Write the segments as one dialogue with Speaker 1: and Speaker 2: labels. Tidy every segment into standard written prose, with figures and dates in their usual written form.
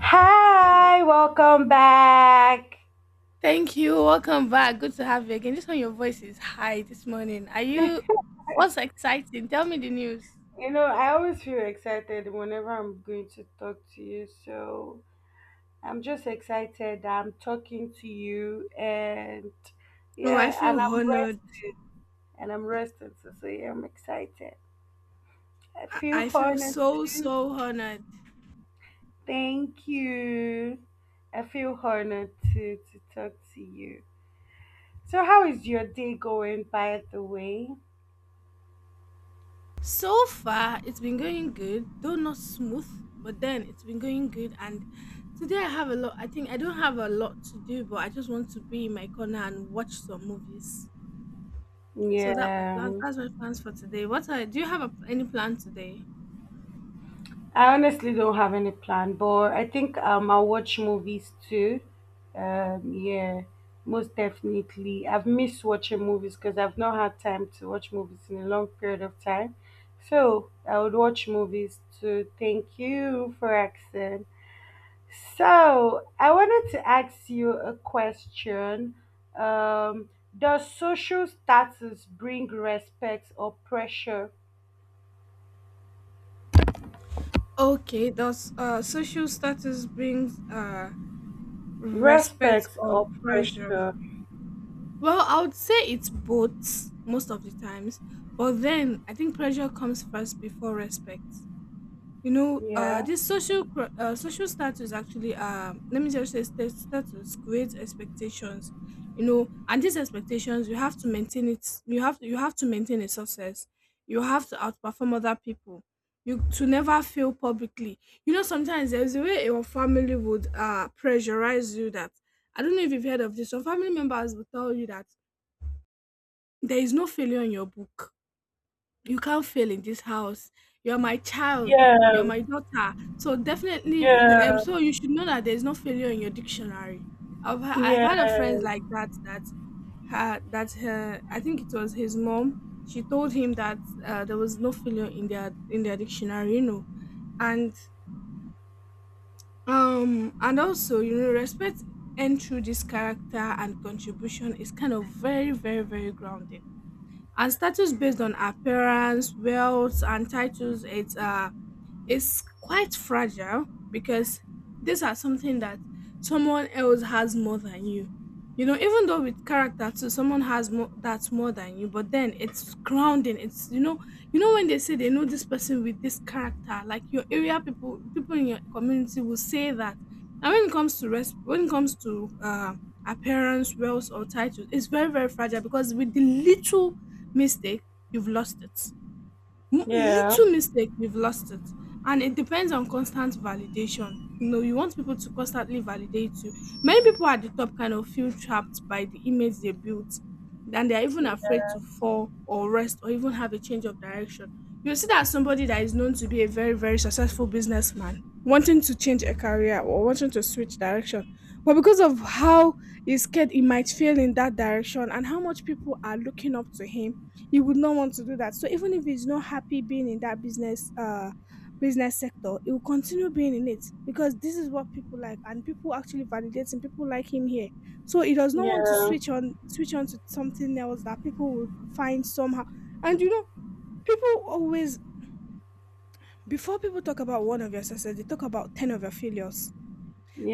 Speaker 1: Hi, welcome back.
Speaker 2: Thank you. Welcome back. Good to have you again. This one, your voice is high this morning. Are you? What's exciting? Tell me the news.
Speaker 1: You know, I always feel excited whenever I'm going to talk to you. So I'm just excited that I'm talking to you, and
Speaker 2: Oh, I
Speaker 1: yeah, and
Speaker 2: feel
Speaker 1: I'm
Speaker 2: honored.
Speaker 1: rested. And I'm rested. So, yeah, I'm excited. I
Speaker 2: I
Speaker 1: feel
Speaker 2: I feel
Speaker 1: honored
Speaker 2: so,
Speaker 1: too.
Speaker 2: so honored.
Speaker 1: Thank you. I feel honored to talk to you. So, how is your day going, by the way?
Speaker 2: So far, it's been going good, though not smooth, but then it's been going good. And today I have a lot, I think I don't have a lot to do, but I just want to be in my corner and watch some movies. So that my plan.
Speaker 1: Yeah.
Speaker 2: That's my plans for today. Do you have any plan today?
Speaker 1: I honestly don't have any plan, but I think I'll watch movies too. Yeah, most definitely. I've missed watching movies because I've not had time to watch movies in a long period of time. So I would watch movies too. Thank you for asking. So I wanted to ask you a question. Um, does social status bring respect or pressure?
Speaker 2: Okay, does social status brings respect
Speaker 1: Respect
Speaker 2: or
Speaker 1: or
Speaker 2: pressure?
Speaker 1: pressure?
Speaker 2: Well, I would say it's both most of the times, but then I think pressure comes first before respect. you know uh
Speaker 1: Yeah.
Speaker 2: this social status actually, let me just say, status creates expectations. And these expectations, you have to maintain it. You have to maintain a success. You have to outperform other people. You to never fail publicly. Sometimes there's a way your family would pressurize you, that I don't know if you've heard of this. Some family members will tell you that there is no failure in your book. You can't fail in this house. You're my child.
Speaker 1: Yeah,
Speaker 2: You're my daughter. So definitely, if the-
Speaker 1: yeah,
Speaker 2: so you should know that there's no failure in your dictionary. I've had a friend
Speaker 1: yes,
Speaker 2: like that her, I think it was his mom. She told him that there was no failure in their dictionary, and and also, respect and through this character and contribution is kind of very, very, very grounding. And status based on appearance, wealth, and titles, It's is quite fragile, because these are something that someone else has more than you. You know, even though with character too, someone has more that's more than you, but then it's grounding. You know when they say they know this person with this character, like your area people in your community will say that. And when it comes to appearance, wealth, or titles, it's very, very fragile because with the little mistake, you've lost it.
Speaker 1: yeah,
Speaker 2: Little
Speaker 1: yes,
Speaker 2: mistake, you've lost it. And it depends on constant validation. You want people to constantly validate you. Many people at the top kind of feel trapped by the image they built, and they're even afraid to fall or rest or even have a change of direction. You see that somebody that is known to be a very, very successful businessman wanting to change a career or wanting to switch direction, but because of how he's scared he might fail in that direction and how much people are looking up to him, you would not want to do that. So even if he's not happy being in that business sector, he will continue being in it because this is what people like and people actually validate him, people like him here. So he does not want to
Speaker 1: yeah,
Speaker 2: switch on to something else that people would find somehow. And you know, people always, before people talk about one of your success, they talk about 10 of your failures.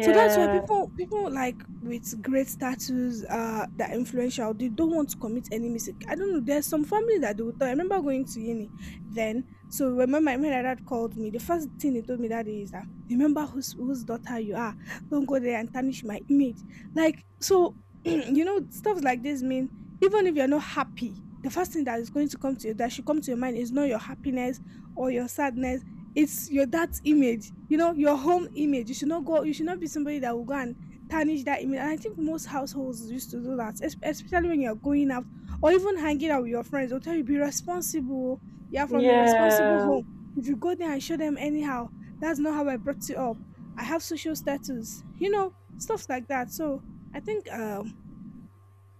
Speaker 2: So that's why people like with great status that are influential, they don't want to commit any mistake. I don't know. There's some family that they will tell. I remember going to uni then. So when my dad called me, the first thing he told me that day is that, remember whose daughter you are. Don't go there and tarnish my image. Like so, stuff like this mean, even if you're not happy, the first thing that is going to come to you, that should come to your mind, is not your happiness or your sadness. It's your dad's image, your home image. You should not go. You should not be somebody that will go and tarnish that image. And I think most households used to do that, especially when you're going out or even hanging out with your friends. They'll tell you, be responsible. You're from a responsible
Speaker 1: yeah,
Speaker 2: home. If you go there and show them anyhow, that's not how I brought you up. I have social status, stuff like that. So I think,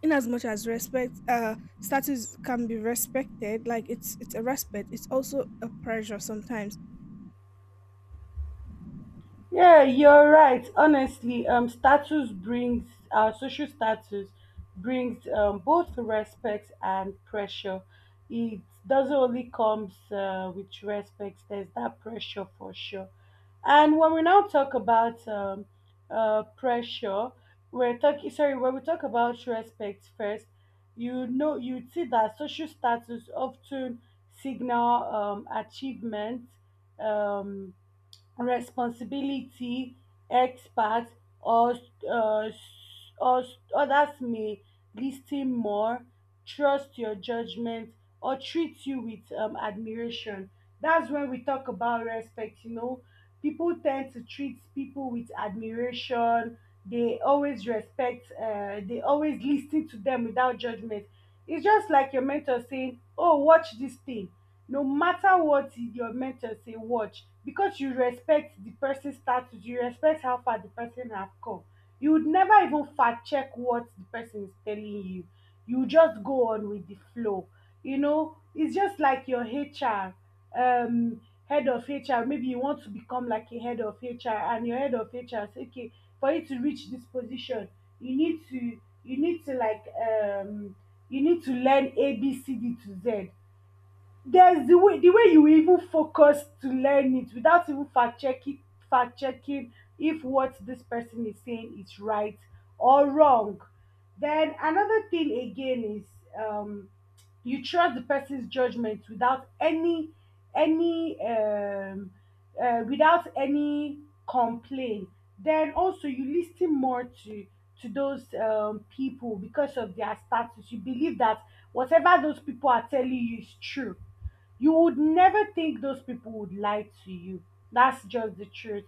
Speaker 2: in as much as respect, status can be respected, like it's a respect. It's also a pressure sometimes.
Speaker 1: yeah. You're right. Honestly, status brings our social status brings both respect and pressure. It doesn't only comes with respect. There's that pressure for sure. And when we now talk about pressure, when we talk about respect first, you know, you see that social status often signal achievement, Um, responsibility, experts, or, uh, or others may listen more, trust your judgment, or treat you with admiration. That's when we talk about respect. You know, people tend to treat people with admiration. They always respect. They always listen to them without judgment. It's just like your mentor saying, "Oh, watch this thing." No matter what your mentor say, watch, because you respect the person's status, you respect how far the person have come. You would never even fact check what the person is telling you. You just go on with the flow. You know, it's just like your HR, um head of HR. Maybe you want to become like a head of HR and your head of HR say, okay, for you to reach this position, you need to, you need to learn A B C D to Z. There's the way, you even focus to learn it without even fact checking, fact checking if what this person is saying is right or wrong. Then another thing again is, um you trust the person's judgment without any any without any complaint. Then also, you listen more to those people because of their status. You believe that whatever those people are telling you is true. You would never think those people would lie to you. That's just the truth.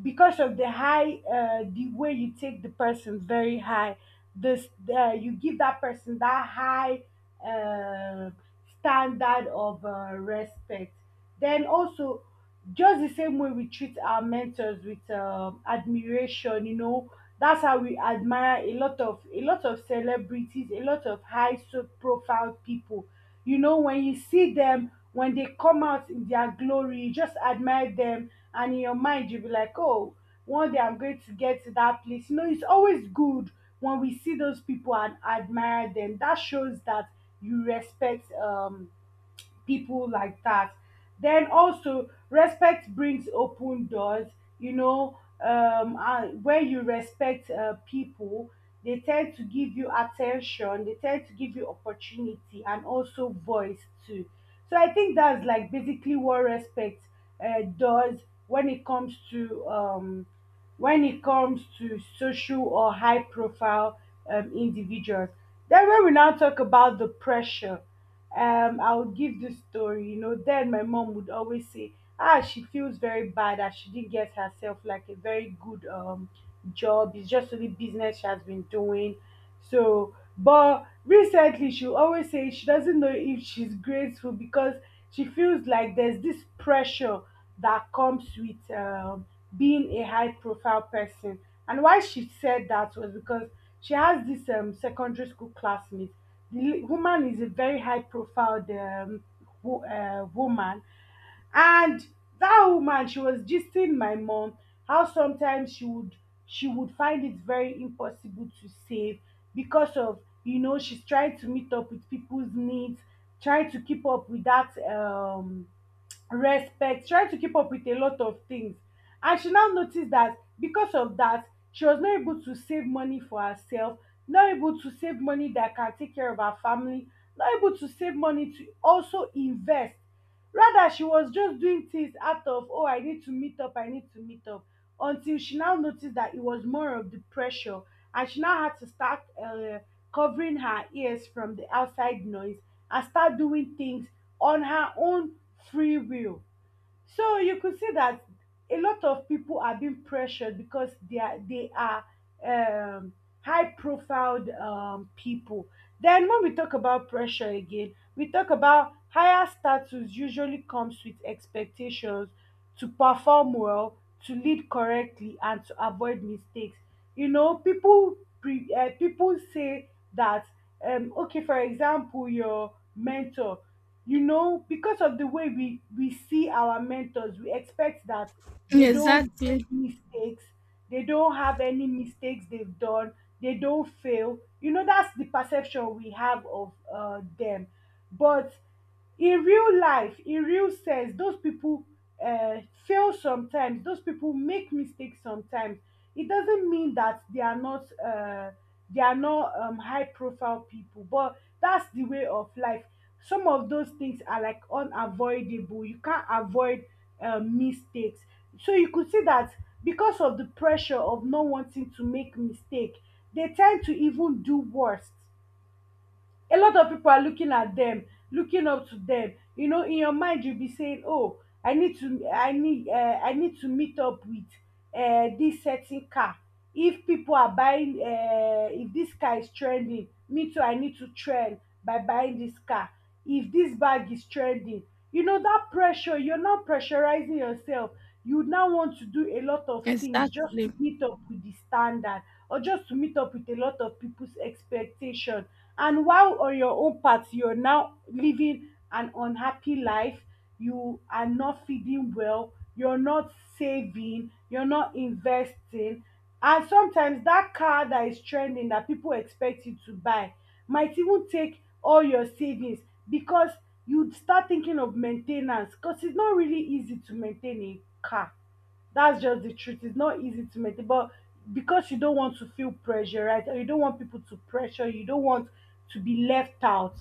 Speaker 1: Because of the high, the way you take the person very high, this you give that person that high uh, standard of respect. Then also, just the same way we treat our mentors with admiration, you know, that's how we admire a lot of celebrities, a lot of profile people. You know, when you see them, when they come out in their glory, you just admire them, and in your mind you'll be like, oh, one day I'm going to get to that place. You know, it's always good when we see those people and admire them. That shows that you respect people like that. Then also, respect brings open doors. You know, when you respect people, they tend to give you attention, they tend to give you opportunity, and also voice too. So I think that's like basically what respect does when it comes to social or high profile individuals. Then when we now talk about the pressure, I would give this story, you know. Then my mom would always say, ah, she feels very bad that she didn't get herself like a very good job. It's just only business she has been doing. So, but recently she always say she doesn't know if she's grateful because she feels like there's this pressure that comes with being a high profile person. And why she said that was because she has this secondary school classmate. The woman is a very high profile woman, and that woman, she was gisting my mom how sometimes she would, find it very impossible to save because of, you know, she's trying to meet up with people's needs, trying to keep up with that respect, trying to keep up with a lot of things. And she now noticed that because of that, she was not able to save money for herself, not able to save money that can take care of her family, not able to save money to also invest. Rather, she was just doing things out of, oh, I need to meet up, I need to meet up, until she now noticed that it was more of the pressure. And she now had to start covering her ears from the outside noise and start doing things on her own free will. So you could see that a lot of people are being pressured because they are um, high profiled people. Then when we talk about pressure again, we talk about higher status usually comes with expectations to perform well, to lead correctly, and to avoid mistakes. You know, people say that, okay, for example, your mentor, you know, because of the way we see our mentors, we expect that they don't make
Speaker 2: Exactly.
Speaker 1: mistakes, they don't have any mistakes they've done, they don't fail. You know, that's the perception we have of them. But in real life, in real sense, those people uh, fail sometimes, those people make mistakes sometimes. It doesn't mean that they are not high profile people, but that's the way of life. Some of those things are like unavoidable, you can't avoid mistakes. So you could see that because of the pressure of not wanting to make mistake, they tend to even do worse. A lot of people are looking at them, looking up to them. You know, in your mind you'll be saying, "Oh, I need to meet up with this certain car." If people are buying, If this car is trending, me too, I need to trend by buying this car. If this bag is trending, you know, that pressure, you're now pressurizing yourself. You would now want to do a lot of things just to
Speaker 2: Exactly.
Speaker 1: meet up with the standard, or just to meet up with a lot of people's expectation. And while on your own part, you're now living an unhappy life. You are not feeding well, you're not saving, you're not investing. And sometimes that car that is trending, that people expect you to buy, might even take all your savings because you start thinking of main ten ance, because it's not really easy to maintain a car. That's just the truth. It's not easy to maintain, but because you don't want to feel pressure, right? Or you don't want people to pressure you, you don't want to be left out.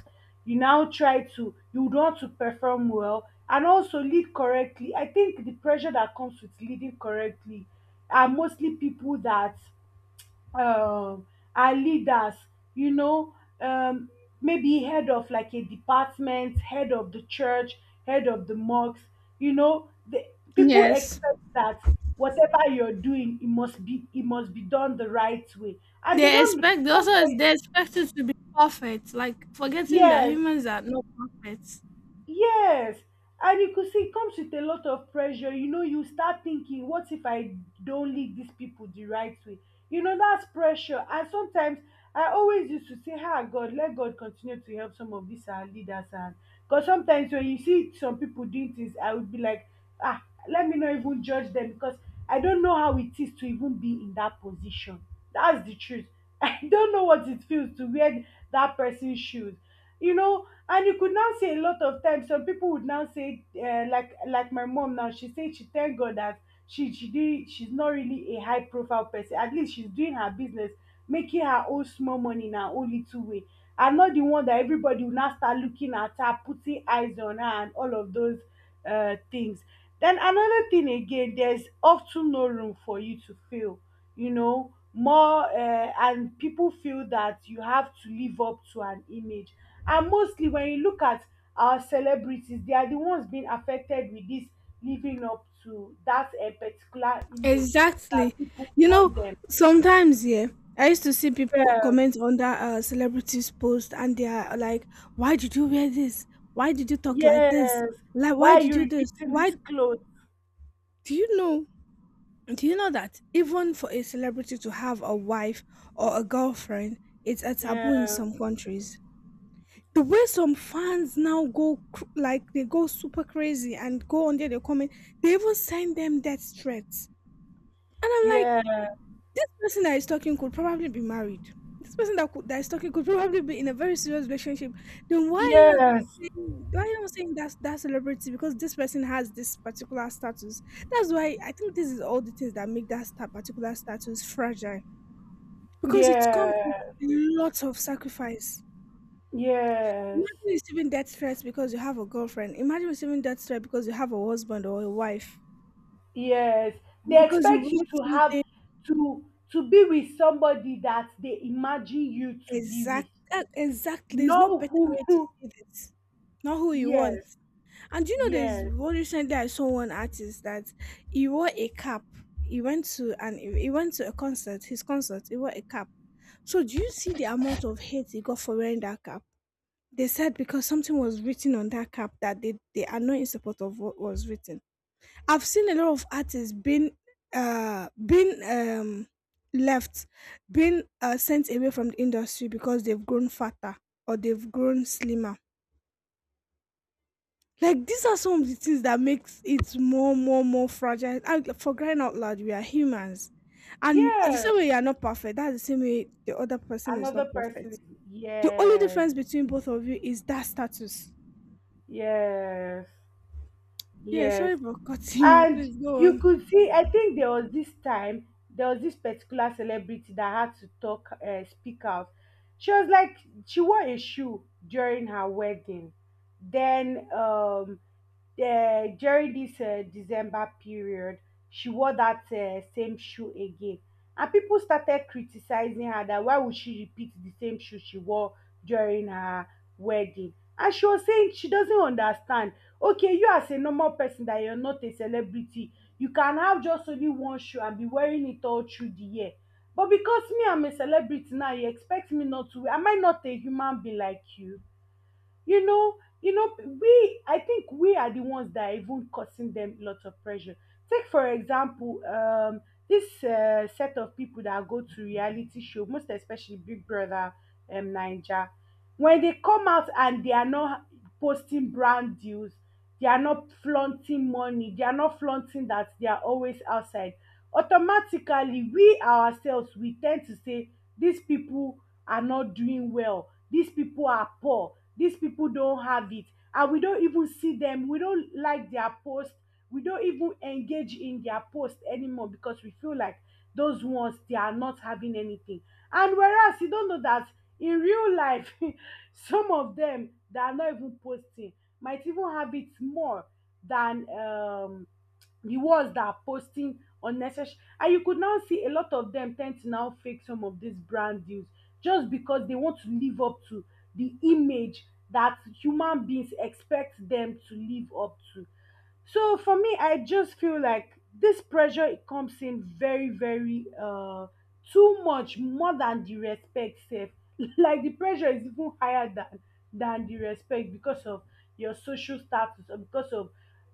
Speaker 1: You now try to, you want to perform well and also lead correctly. I think the pressure that comes with leading correctly are mostly people that, um our leaders, you know, um maybe head of like a department, head of the church, head of the mosque. You know, the people
Speaker 2: Yes.
Speaker 1: expect that whatever you're doing, it must be done the right way, and they
Speaker 2: They
Speaker 1: don't
Speaker 2: expect they also
Speaker 1: sometimes.
Speaker 2: they expect you to be perfect, like forgetting that
Speaker 1: Yes.
Speaker 2: humans are not perfect.
Speaker 1: Yes, and you could see it comes with a lot of pressure. You know, you start thinking, what if I don't lead these people the right way? You know, that's pressure. And sometimes I always used to say, ah, God, let God continue to help some of these our leaders. And because sometimes when you see some people doing things, I would be like, ah, let me not even judge them because I don't know how it is to even be in that position. That's the truth. I don't know what it feels to wear that person's shoes, you know. And you could now say a lot of times some people would now say, like my mom now, she said she thank god that she's not really a high profile person, at least she's doing her business, making her own small money in her own little way, and not the one that everybody will now start looking at her, putting eyes on her and all of those things. Then another thing again, there's often no room for you to fail. You know, more and people feel that you have to live up to an image. And mostly, when you look at our celebrities, they are the ones being affected with this living up to that a particular image
Speaker 2: Exactly.
Speaker 1: that people
Speaker 2: You know,
Speaker 1: want them.
Speaker 2: sometimes, yeah, I used to see people
Speaker 1: Yeah.
Speaker 2: comment under celebrities post and they are like, why did you wear this? Why did you talk like this?
Speaker 1: Yes.
Speaker 2: Like
Speaker 1: Why
Speaker 2: why
Speaker 1: are
Speaker 2: did
Speaker 1: you
Speaker 2: you this?
Speaker 1: repeating
Speaker 2: Why
Speaker 1: this clothes?
Speaker 2: do you know do you know that even for a celebrity to have a wife or a girlfriend, it's a taboo in
Speaker 1: Yeah.
Speaker 2: some countries? The way some fans now go cr- like they go super crazy and go on there, they comment, they even send them death threats. And I'm like,
Speaker 1: Yeah.
Speaker 2: this person that is talking could probably be married. This person that is talking could probably be in a very serious relationship. Then why are you not
Speaker 1: Yes.
Speaker 2: saying that's that celebrity because this person has this particular status. That's why I think this is all the things that make that particular status fragile because it comes with
Speaker 1: Yeah.
Speaker 2: lots of sacrifice.
Speaker 1: Yes,
Speaker 2: Imagine receiving death threats because you have a girlfriend. Imagine receiving death threat because you have a husband or a wife.
Speaker 1: yes.
Speaker 2: And
Speaker 1: They
Speaker 2: because you
Speaker 1: expect you
Speaker 2: want
Speaker 1: to have
Speaker 2: something
Speaker 1: to to be with somebody that they imagine you to be with.
Speaker 2: exact, exactly. There's no
Speaker 1: Know
Speaker 2: better
Speaker 1: who?
Speaker 2: way to
Speaker 1: who-
Speaker 2: see this. Not who you want.
Speaker 1: Yes,
Speaker 2: And do you know, there's
Speaker 1: yes,
Speaker 2: one recently, I saw one artist that he wore a cap. He went to a concert. His concert. He wore a cap. So do you see the amount of hate he got for wearing that cap? They said because something was written on that cap that they are not in support of what was written. I've seen a lot of artists being uh being um left, being sent away from the industry because they've grown fatter or they've grown slimmer. Like these are some of the things that makes it more, more, more fragile. And for crying out loud, we are humans, and the
Speaker 1: yeah.
Speaker 2: same way you are not perfect, that's the same way the other person is
Speaker 1: Another
Speaker 2: not
Speaker 1: person.
Speaker 2: perfect. The only
Speaker 1: Yes,
Speaker 2: difference between both of you is that status.
Speaker 1: yes.
Speaker 2: Yeah,
Speaker 1: Yes.
Speaker 2: sorry for cutting you.
Speaker 1: And
Speaker 2: Please go
Speaker 1: you
Speaker 2: on.
Speaker 1: could see, I think there was this time, there was this particular celebrity that had to speak out. She was like, she wore a shoe during her wedding. Then, during this December period, she wore that same shoe again. And people started criticizing her that why would she repeat the same shoe she wore during her wedding? And she was saying she doesn't understand. Okay, you as a normal person that you're not a celebrity, you can have just only one shoe and be wearing it all through the year, but because me, I'm a celebrity now, you expect me not to wear. Am I not a human being like you? You know you know we I think we are the ones that are even causing them lots of pressure. Take for example, this set of people that go to reality show, most especially Big Brother Naija. When they come out and they are not posting brand deals, they are not flaunting money, they are not flaunting that they are always outside, automatically we ourselves we tend to say these people are not doing well, these people are poor, dis people don't have it. And we don't even see them, we don't like their post, we don't even engage in their post anymore because we feel like those ones they are not having anything. And whereas you don't know that in real life some of them that are not even posting might even have it more than the ones that are posting unnecessary. And you could now see a lot of them tend to now fake some of these brand deals just because they want to live up to the image that human beings expect them to live up to. So for me, I just feel like this pressure it comes in very, very too much more than the respect safe. Like the pressure is even higher than the respect because of your social status or because of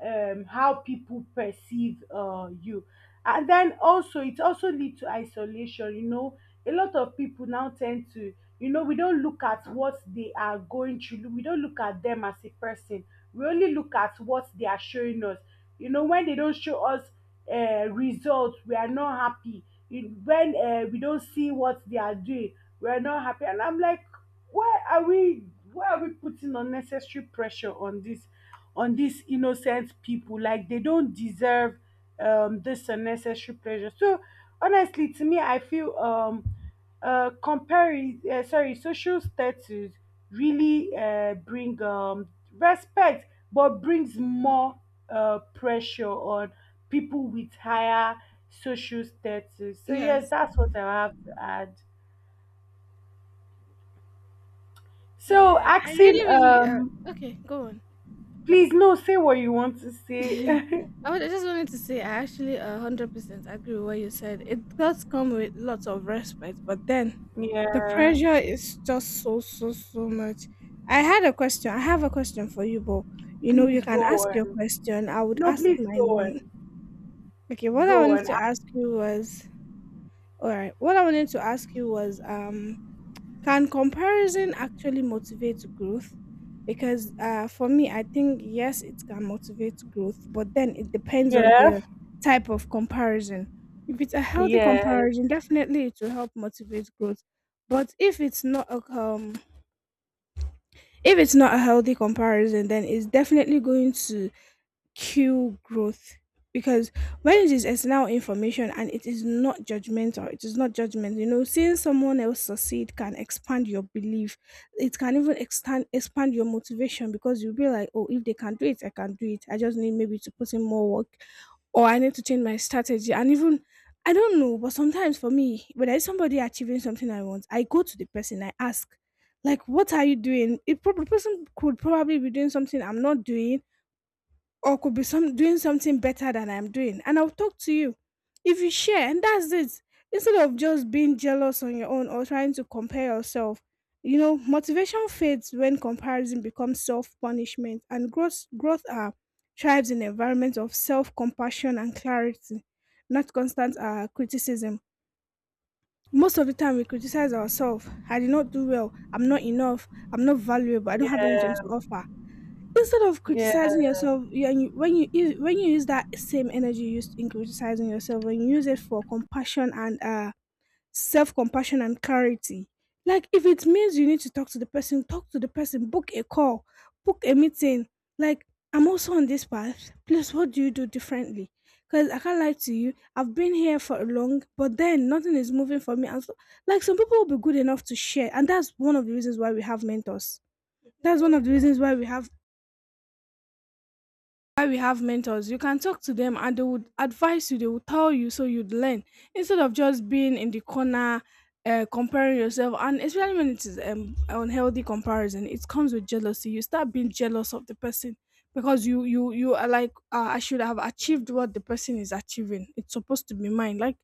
Speaker 1: how people perceive you. And then also it also lead to isolation, you know. A lot of people now tend to, you know, we don't look at what they are going through. We don't look at them as a person. We only look at what they are showing us. You know, when they don't show us results, we are not happy. When we don't see what they are doing, we are not happy. And I'm like, why are we why are we putting unnecessary pressure on this on these innocent people? Like they don't deserve this unnecessary pressure. So honestly, to me I feel comparing sorry social status really bring respect but brings more pressure on people with higher social status. So yes,
Speaker 2: Yes.
Speaker 1: that's what I have to add. So
Speaker 2: Yeah, I
Speaker 1: asking
Speaker 2: really, really. Okay, go on.
Speaker 1: please, no, say what you want to say.
Speaker 2: I just wanted to say, I actually 100% agree with what you said. It does come with lots of respect, but then the
Speaker 1: Yeah.
Speaker 2: pressure is just so, so, so much. I had a question. I have a question for you, but you
Speaker 1: Please
Speaker 2: can
Speaker 1: go
Speaker 2: ask your
Speaker 1: on.
Speaker 2: question. I would
Speaker 1: No,
Speaker 2: ask
Speaker 1: please
Speaker 2: mine
Speaker 1: go
Speaker 2: when.
Speaker 1: on.
Speaker 2: Okay. what I
Speaker 1: Go
Speaker 2: wanted
Speaker 1: on.
Speaker 2: to ask you was, all right. What I wanted to ask you was, can comparison actually motivate growth? Because for me, I think yes, it can motivate growth, but then it depends on the
Speaker 1: Yes,
Speaker 2: type of comparison. If it's a healthy
Speaker 1: yes,
Speaker 2: comparison, definitely it will help motivate growth. But if it's not a healthy comparison, then it's definitely going to cue growth because, when it is external information and it is not judgment, seeing someone else succeed can expand your belief. It can even expand your motivation because you'll be like, oh, if they can do it, I can do it. I just need, maybe, to put in more work, or I need to change my strategy. And even, I don't know, but sometimes for me when there's somebody achieving something I want, I go to the person, I ask, like, what are you doing? If prob- the person could probably be doing something I'm not doing, or could be some doing something better than I'm doing. And I'll talk to you. If you share, and that's it. Instead of just being jealous on your own or trying to compare yourself, motivation fades when comparison becomes self-punishment, and growth are thrives in environments of self-compassion and clarity, not constant criticism. Most of the time we criticize ourselves. I did not do well. I'm not enough. I'm not valuable. I don't have anything
Speaker 1: yes,
Speaker 2: to offer. Instead of
Speaker 1: yes,
Speaker 2: criticizing yourself, when you when you use that same energy used in criticizing yourself, when you use it for compassion and self compassion and clarity, like if it means you need to talk to the person, talk to the person, book a call, book a meeting. Like I'm also on this path. Please, what do you do differently? Because I can't lie to you, I've been here for a long, but then nothing is moving for me. And so, like some people will be good enough to share, and that's one of the reasons why we have mentors, that's one of the reasons why we have mentors. You can talk to them and they would advise you, they would tell you, so you'd learn, instead of just being in the corner comparing yourself. And especially when it is unhealthy comparison, it comes with jealousy. You start being jealous of the person because you are like, I should have achieved what the person is achieving, it's supposed to be mine. Like,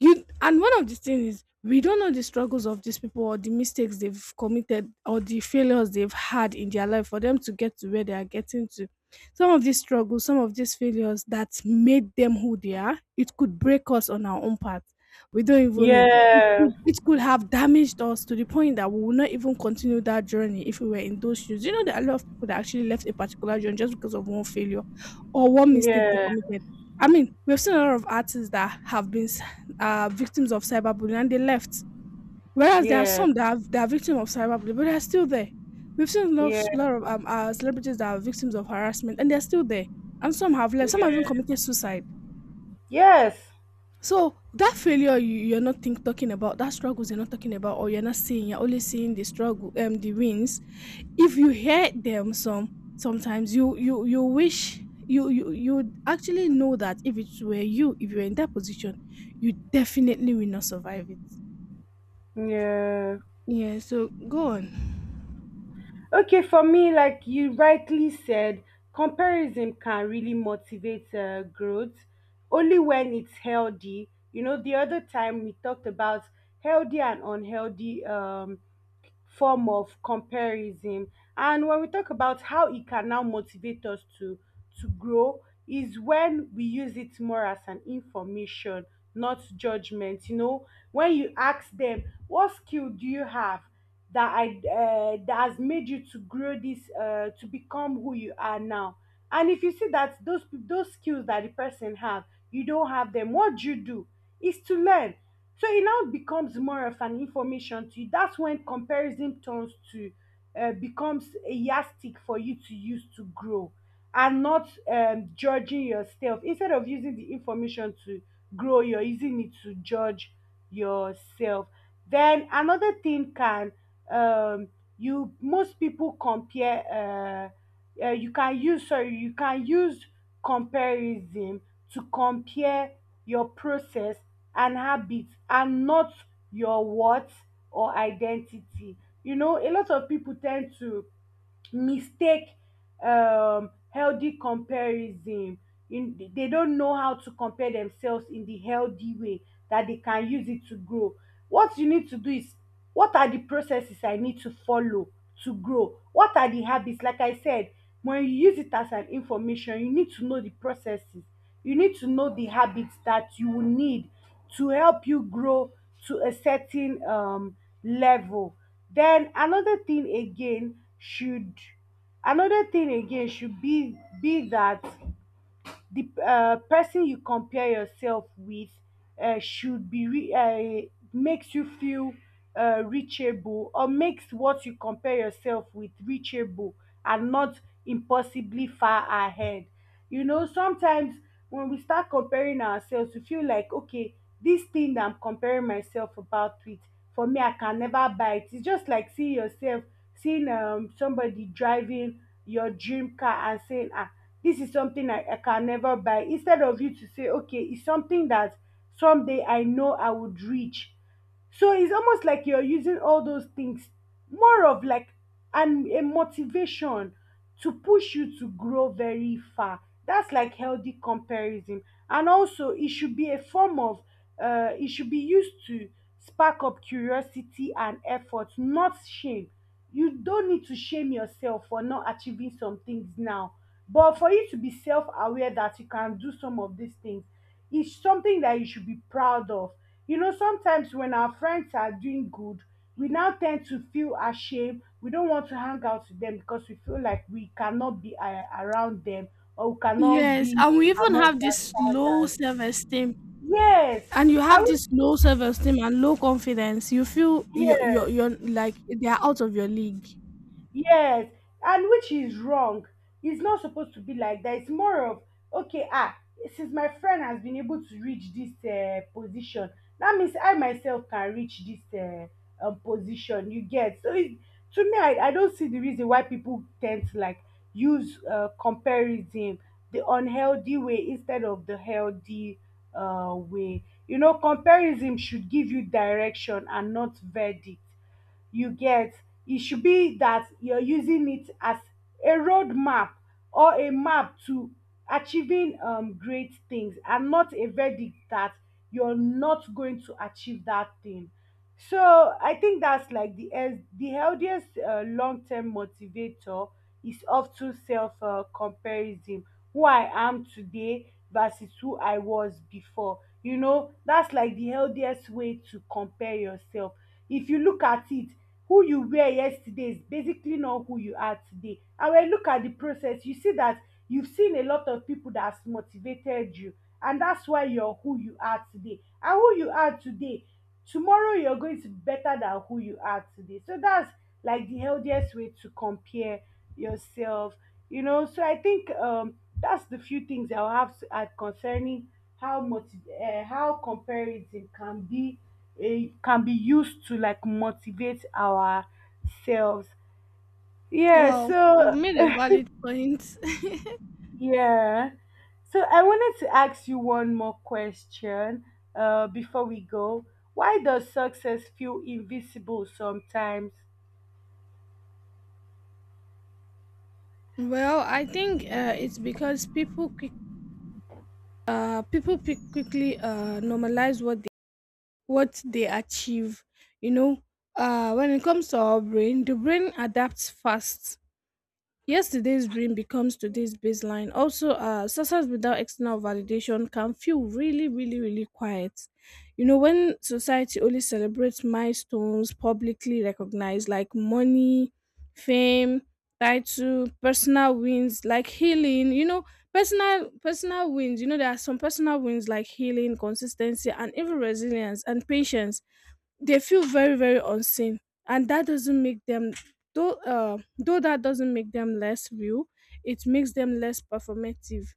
Speaker 2: you, and one of the things is we don't know the struggles of these people or the mistakes they've committed or the failures they've had in their life for them to get to where they are getting to. Some of these struggles, some of these failures that made them who they are, it could break us on our own path. We don't even know,
Speaker 1: yes,
Speaker 2: it could have damaged us to the point that we will not even continue that journey if we were in those shoes. You know, there are a lot of people that actually left a particular journey just because of one failure or one mistake they
Speaker 1: yes,
Speaker 2: committed. I mean, we've seen a lot of artists that have been are victims of cyberbullying and they left. Whereas there are
Speaker 1: yes,
Speaker 2: some that that are victims of cyberbullying, but they are still there. We've seen a lot
Speaker 1: yes,
Speaker 2: of celebrities that are victims of harassment and they're still there. And some have left, some have even
Speaker 1: yes,
Speaker 2: committed suicide.
Speaker 1: yes.
Speaker 2: So that failure you're not talking about, that struggles you're not talking about, or you're not seeing, you're only seeing the struggle, the wins. If you hear them, sometimes you wish you actually know that if it were you, if you were in that position, you definitely will not survive it.
Speaker 1: Yeah.
Speaker 2: Yeah, so go on.
Speaker 1: Okay, for me, like you rightly said, comparison can really motivate growth only when it's healthy. You know, the other time we talked about healthy and unhealthy form of comparison. And when we talk about how it can now motivate us to grow is when we use it more as an information, not judgment. You know, when you ask them, what skill do you have that has made you to grow this to become who you are now? And if you see that those skills that the person have, you don't have them, what do you do? Is to learn, so it now becomes more of an information to you. That's when comparison turns to becomes a yardstick for you to use to grow and not judging yourself. Instead of using the information to grow, you're using it to judge yourself. Then another thing can um, you most people compare. You can use, sorry, you can use comparison to compare your process and habits and not your what or identity. You know, a lot of people tend to mistake healthy comparison. In, they don't know how to compare themselves in the healthy way that they can use it to grow. What you need to do is what are the processes I need to follow to grow? What are the habits? Like I said, when you use it as an information, you need to know the processes. You need to know the habits that you will need to help you grow to a certain level. Then another thing again should another thing again should be that the person you compare yourself with should be makes you feel reachable, or makes what you compare yourself with reachable and not impossibly far ahead. You know, sometimes when we start comparing ourselves, we feel like, okay, this thing that I'm comparing myself about with, for me I can never buy it. It's just like seeing yourself, seeing somebody driving your dream car and saying, ah, this is something I can never buy. Instead of you to say, okay, it's something that someday I know I would reach. So it's almost like you're using all those things more of like an a motivation to push you to grow very far. That's like healthy comparison. And also it should be a form of it should be used to spark up curiosity and effort, not shame. You don't need to shame yourself for not achieving some things now. But for you to be self-aware that you can do some of these things, it's something that you should be proud of. You know, sometimes when our friends are doing good, we now tend to feel ashamed. We don't want to hang out with them because we feel like we cannot be around them, or we cannot
Speaker 2: Yes,
Speaker 1: be
Speaker 2: and we even
Speaker 1: among
Speaker 2: have
Speaker 1: their
Speaker 2: this low
Speaker 1: standards.
Speaker 2: self esteem,
Speaker 1: Yes,
Speaker 2: and you
Speaker 1: I
Speaker 2: have
Speaker 1: would.
Speaker 2: this low self esteem and low confidence. You feel
Speaker 1: Yes.
Speaker 2: you're like they are out of your league.
Speaker 1: Yes, and which is wrong. It's not supposed to be like that. It's more of, okay, ah, since my friend has been able to reach this position, that means I myself can reach this position. You get? So it, to me, I don't see the reason why people tend to like use comparison the unhealthy way instead of the healthy way. You know, comparison should give you direction and not verdict. You get? It should be that you're using it as a roadmap or a map to achieving great things, and not a verdict that you're not going to achieve that thing. So I think that's like the healthiest long-term motivator is often self comparison. Who I am today versus who I was before. You know, that's like the healthiest way to compare yourself. If you look at it, who you were yesterday is basically not who you are today. And when you look at the process, you see that you've seen a lot of people that has motivated you, and that's why you're who you are today. And who you are today, tomorrow you're going to be better than who you are today. So that's like the healthiest way to compare yourself, you know. So I think that's the few things I'll have to add concerning how much how comparison can be it can be used to like motivate ourselves. Yeah,
Speaker 2: Wow, you've
Speaker 1: so
Speaker 2: made a valid point.
Speaker 1: yeah. So I wanted to ask you one more question before we go. Why does success feel invisible sometimes?
Speaker 2: Well, I think it's because people pick quickly, normalize what they achieve. You know, when it comes to our brain, the brain adapts fast. Yesterday's dream becomes today's baseline. Also, success without external validation can feel really, really, really quiet. You know, when society only celebrates milestones publicly recognized like money, fame, title, personal wins like healing, you know, personal wins, you know, there are some personal wins like healing, consistency, and even resilience and patience, they feel very very unseen. And that doesn't make them, though that doesn't make them less real, it makes them less performative.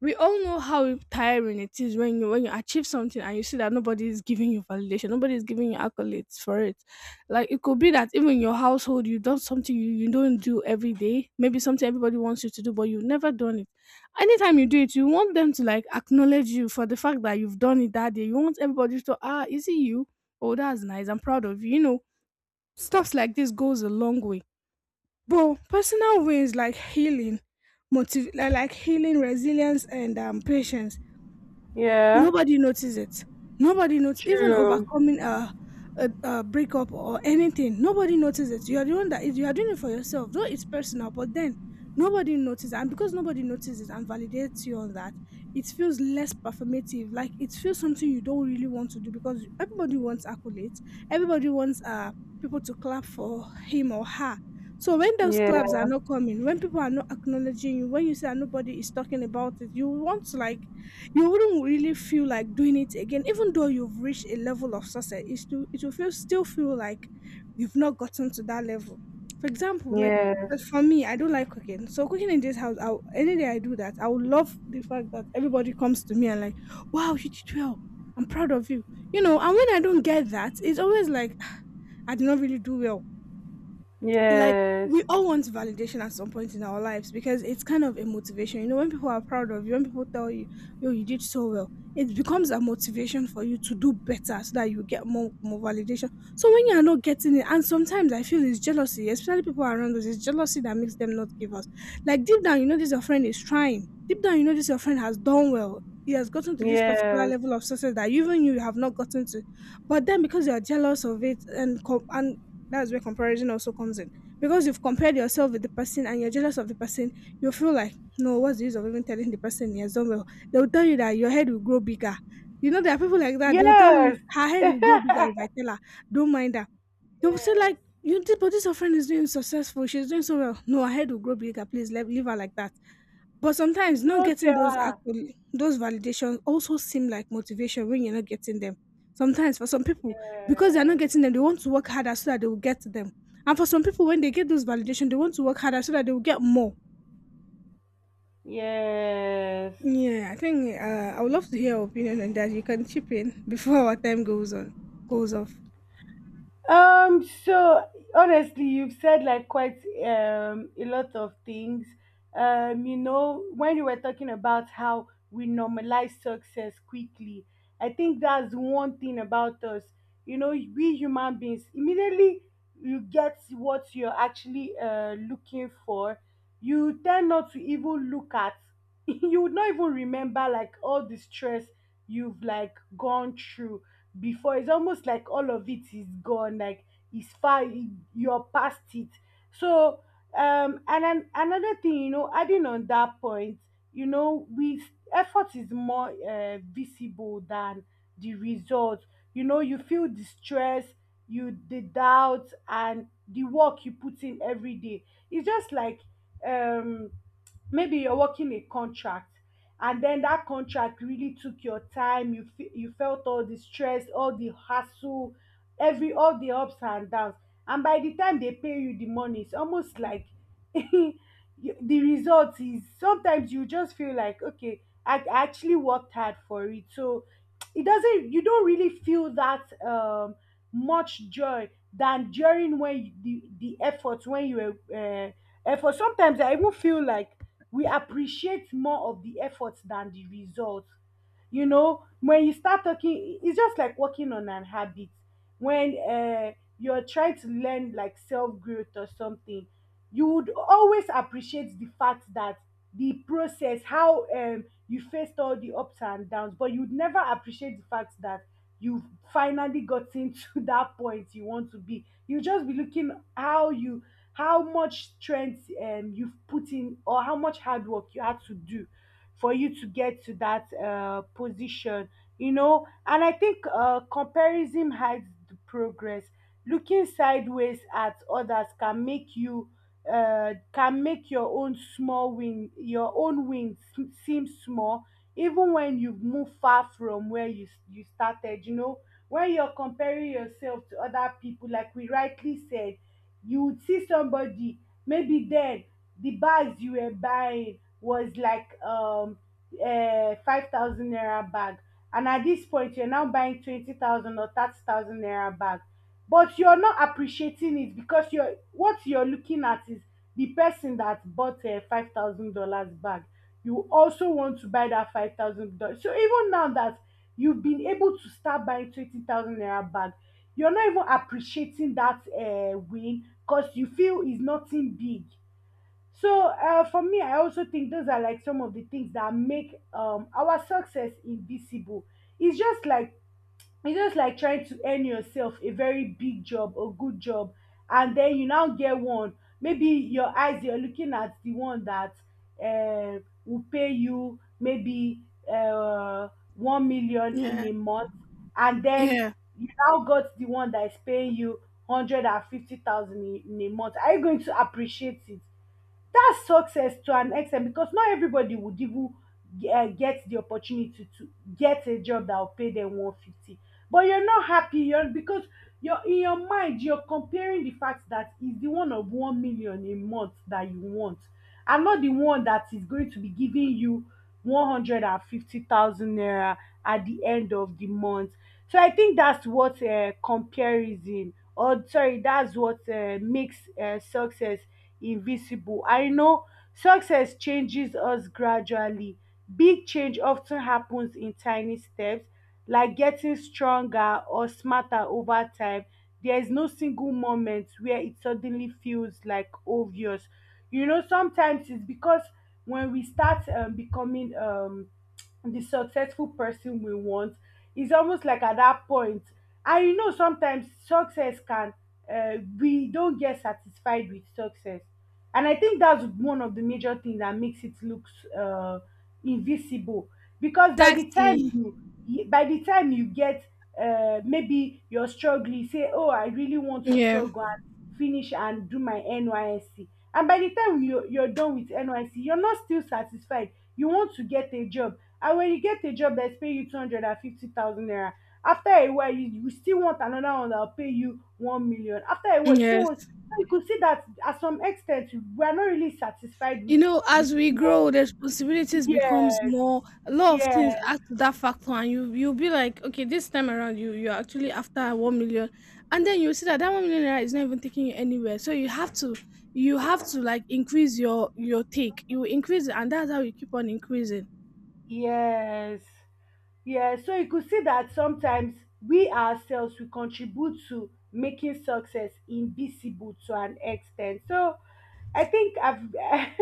Speaker 2: We all know how tiring it is when you achieve something and you see that nobody is giving you validation, nobody is giving you accolades for it. Like it could be that even in your household you've done something you don't do every day, maybe something everybody wants you to do, but you've never done it. Anytime you do it, you want them to like acknowledge you for the fact that you've done it that day. You want everybody to, ah, is it you? Oh, that's nice. I'm proud of you. You know, stuff like this goes a long way. Bro, personal wins like healing, like healing, resilience, and patience.
Speaker 1: Yeah,
Speaker 2: Nobody noticed it. Nobody noticed, even
Speaker 1: true.
Speaker 2: overcoming a breakup or anything. Nobody noticed it. You are the one that you are doing it for yourself, though it's personal, but then nobody notices. And because nobody notices and validates you on that, it feels less performative. Like it feels something you don't really want to do because everybody wants accolades, everybody wants people to clap for him or her. So when those
Speaker 1: Yeah,
Speaker 2: claps are not coming, when people are not acknowledging you, when you say that nobody is talking about it, you want to like, you wouldn't really feel like doing it again. Even though you've reached a level of success, it still it will feel like you've not gotten to that level. For example, like,
Speaker 1: yes,
Speaker 2: as for me, I don't like cooking. So cooking in this house, any day I do that I would love the fact that everybody comes to me and like, wow, you did well, I'm proud of you. You know, and when I don't get that, it's always like I did not really do well. Like,
Speaker 1: yes,
Speaker 2: we all want validation at some point in our lives because it's kind of a motivation. You know, when people are proud of you, when people tell you, yo, you did so well, it becomes a motivation for you to do better so that you get more validation. So when you are not getting it, and sometimes I feel it's jealousy, especially people around us, it's jealousy that makes them not give us. Like deep down, you know this your friend is trying. Deep down, you know this your friend has done well. He has gotten to this particular
Speaker 1: yes,
Speaker 2: level of success that even you have not gotten to. But then because you are jealous of it and that's where comparison also comes in. Because you've compared yourself with the person and you're jealous of the person, you'll feel like, no, what's the use of even telling the person he has done well? They'll tell you that your head will grow bigger. You know, there are people like that, they'll tell you
Speaker 1: yes.
Speaker 2: her head will grow bigger if I tell her, don't mind her. They'll say,
Speaker 1: Yes.
Speaker 2: like, you did, but this your friend is doing successful, she's doing so well. No, her head will grow bigger, please leave her like that. But sometimes not
Speaker 1: Don't
Speaker 2: getting
Speaker 1: tell
Speaker 2: those
Speaker 1: her.
Speaker 2: actual those validations also seem like motivation when you're not getting them. Sometimes for some people, because they're not
Speaker 1: Yes.
Speaker 2: getting them, they want to work harder so that they will get them. And for some people, when they get those validation, they want to work harder so that they will get more.
Speaker 1: Yes.
Speaker 2: Yeah, I think I would love to hear your opinion on that. You can chip in before our time goes off.
Speaker 1: So honestly, you've said like quite a lot of things. You know, when you were talking about how we normalize success quickly, I think that's one thing about us. You know, we human beings immediately you get what you're actually looking for. You tend not to even look at. You would not even remember like all the stress you've like gone through before. It's almost like all of it is gone, like it's far, you're past it. so and then another thing, you know, adding on that point, you know, we effort is more visible than the result. You know, you feel the stress, you the doubt, and the work you put in every day. It's just like um maybe you're working a contract, and then that contract really took your time. You you felt all the stress, all the hassle, every all the ups and downs. And by the time they pay you the money, it's almost like you- the result is, sometimes you just feel like, okay, I actually worked hard for it. So it doesn't, you don't really feel that much joy than during when you, the effort, when you were effort, sometimes I even feel like we appreciate more of the effort than the result. You know, when you start talking, it's just like working on an habit. When You're trying to learn like self growth or something, you would always appreciate the fact that the process, how you faced all the ups and downs, but you'd never appreciate the fact that you've finally gotten to that point you want to be. You just be looking how you, how much strength you've put in, or how much hard work you had to do for you to get to that position, you know. And I think comparison hides the progress. Looking sideways at others can make you, can make your own small win, your own wins seem small even when you've moved far from where you started, you know. When you're comparing yourself to other people, like we rightly said, you would see somebody, maybe then the bags you were buying was like 5,000 naira bag, and at this point you're now buying 20,000 or 30,000 naira bag, but you're not appreciating it, because you're, what you're looking at is the person that bought a $5,000 bag. You also want to buy that $5,000. So even now that you've been able to start buying 20,000 naira bag, you're not even appreciating that win, because you feel is nothing big. So for me, I also think those are like some of the things that make our success invisible. It's just like it's just like trying to earn yourself a very big job or good job, and then you now get one. Maybe your eyes you're looking at the one that uh, will pay you maybe uh, 1 million in
Speaker 2: Yeah,
Speaker 1: a month, and then
Speaker 2: yeah,
Speaker 1: you now got the one that is paying you 150,000 in a month. Are you going to appreciate it? That's success to an extent, because not everybody would even get the opportunity to get a job that will pay them 150. But you're not happy, you're, because you're, in your mind you're comparing the fact that it's the one of 1 million a month that you want, and not the one that is going to be giving you 150,000 naira at the end of the month. So I think that's what comparison, or sorry, that's what makes success invisible. I know success changes us gradually. Big change often happens in tiny steps, like getting stronger or smarter over time. There is no single moment where it suddenly feels like obvious. You know, sometimes it's because when we start becoming the successful person we want, it's almost like at that point. And you know, sometimes success can, we don't get satisfied with success. And I think that's one of the major things that makes it look uh, invisible. Because by the
Speaker 2: exactly.
Speaker 1: time you, by the time you get, maybe you're struggling, you say, oh, I really want to
Speaker 2: Yeah,
Speaker 1: struggle and finish and do my NYSC. And by the time you're done with NYSC, you're not still satisfied. You want to get a job. And when you get a job that's paying you 250,000 naira, after a while, you still want another one that will pay you 1,000,000. After a while, you still want,
Speaker 2: yes.
Speaker 1: so you could see that at some extent, we are not really satisfied with
Speaker 2: You know,
Speaker 1: the
Speaker 2: as we grow,
Speaker 1: small.
Speaker 2: the responsibilities becomes
Speaker 1: Yes,
Speaker 2: more. A lot of things
Speaker 1: yes,
Speaker 2: add to that factor, and you you'll be like, okay, this time around, you're actually after 1 million, and then you see that that 1 million naira is not even taking you anywhere. So you have to, like, increase your take. You increase it, and that's how you keep on increasing.
Speaker 1: yes. Yeah, so you could see that sometimes we ourselves we contribute to making success invisible to an extent. So I think I've I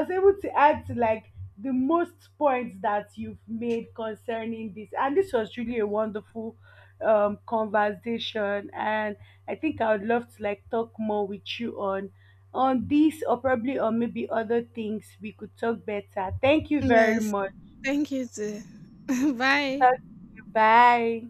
Speaker 1: was able to add to like the most points that you've made concerning this, and this was really a wonderful conversation. And I think I would love to like talk more with you on this, or probably on maybe other things we could talk better. Thank you very
Speaker 2: Yes,
Speaker 1: much.
Speaker 2: thank you. Too. Bye.
Speaker 1: Talk to you. Bye.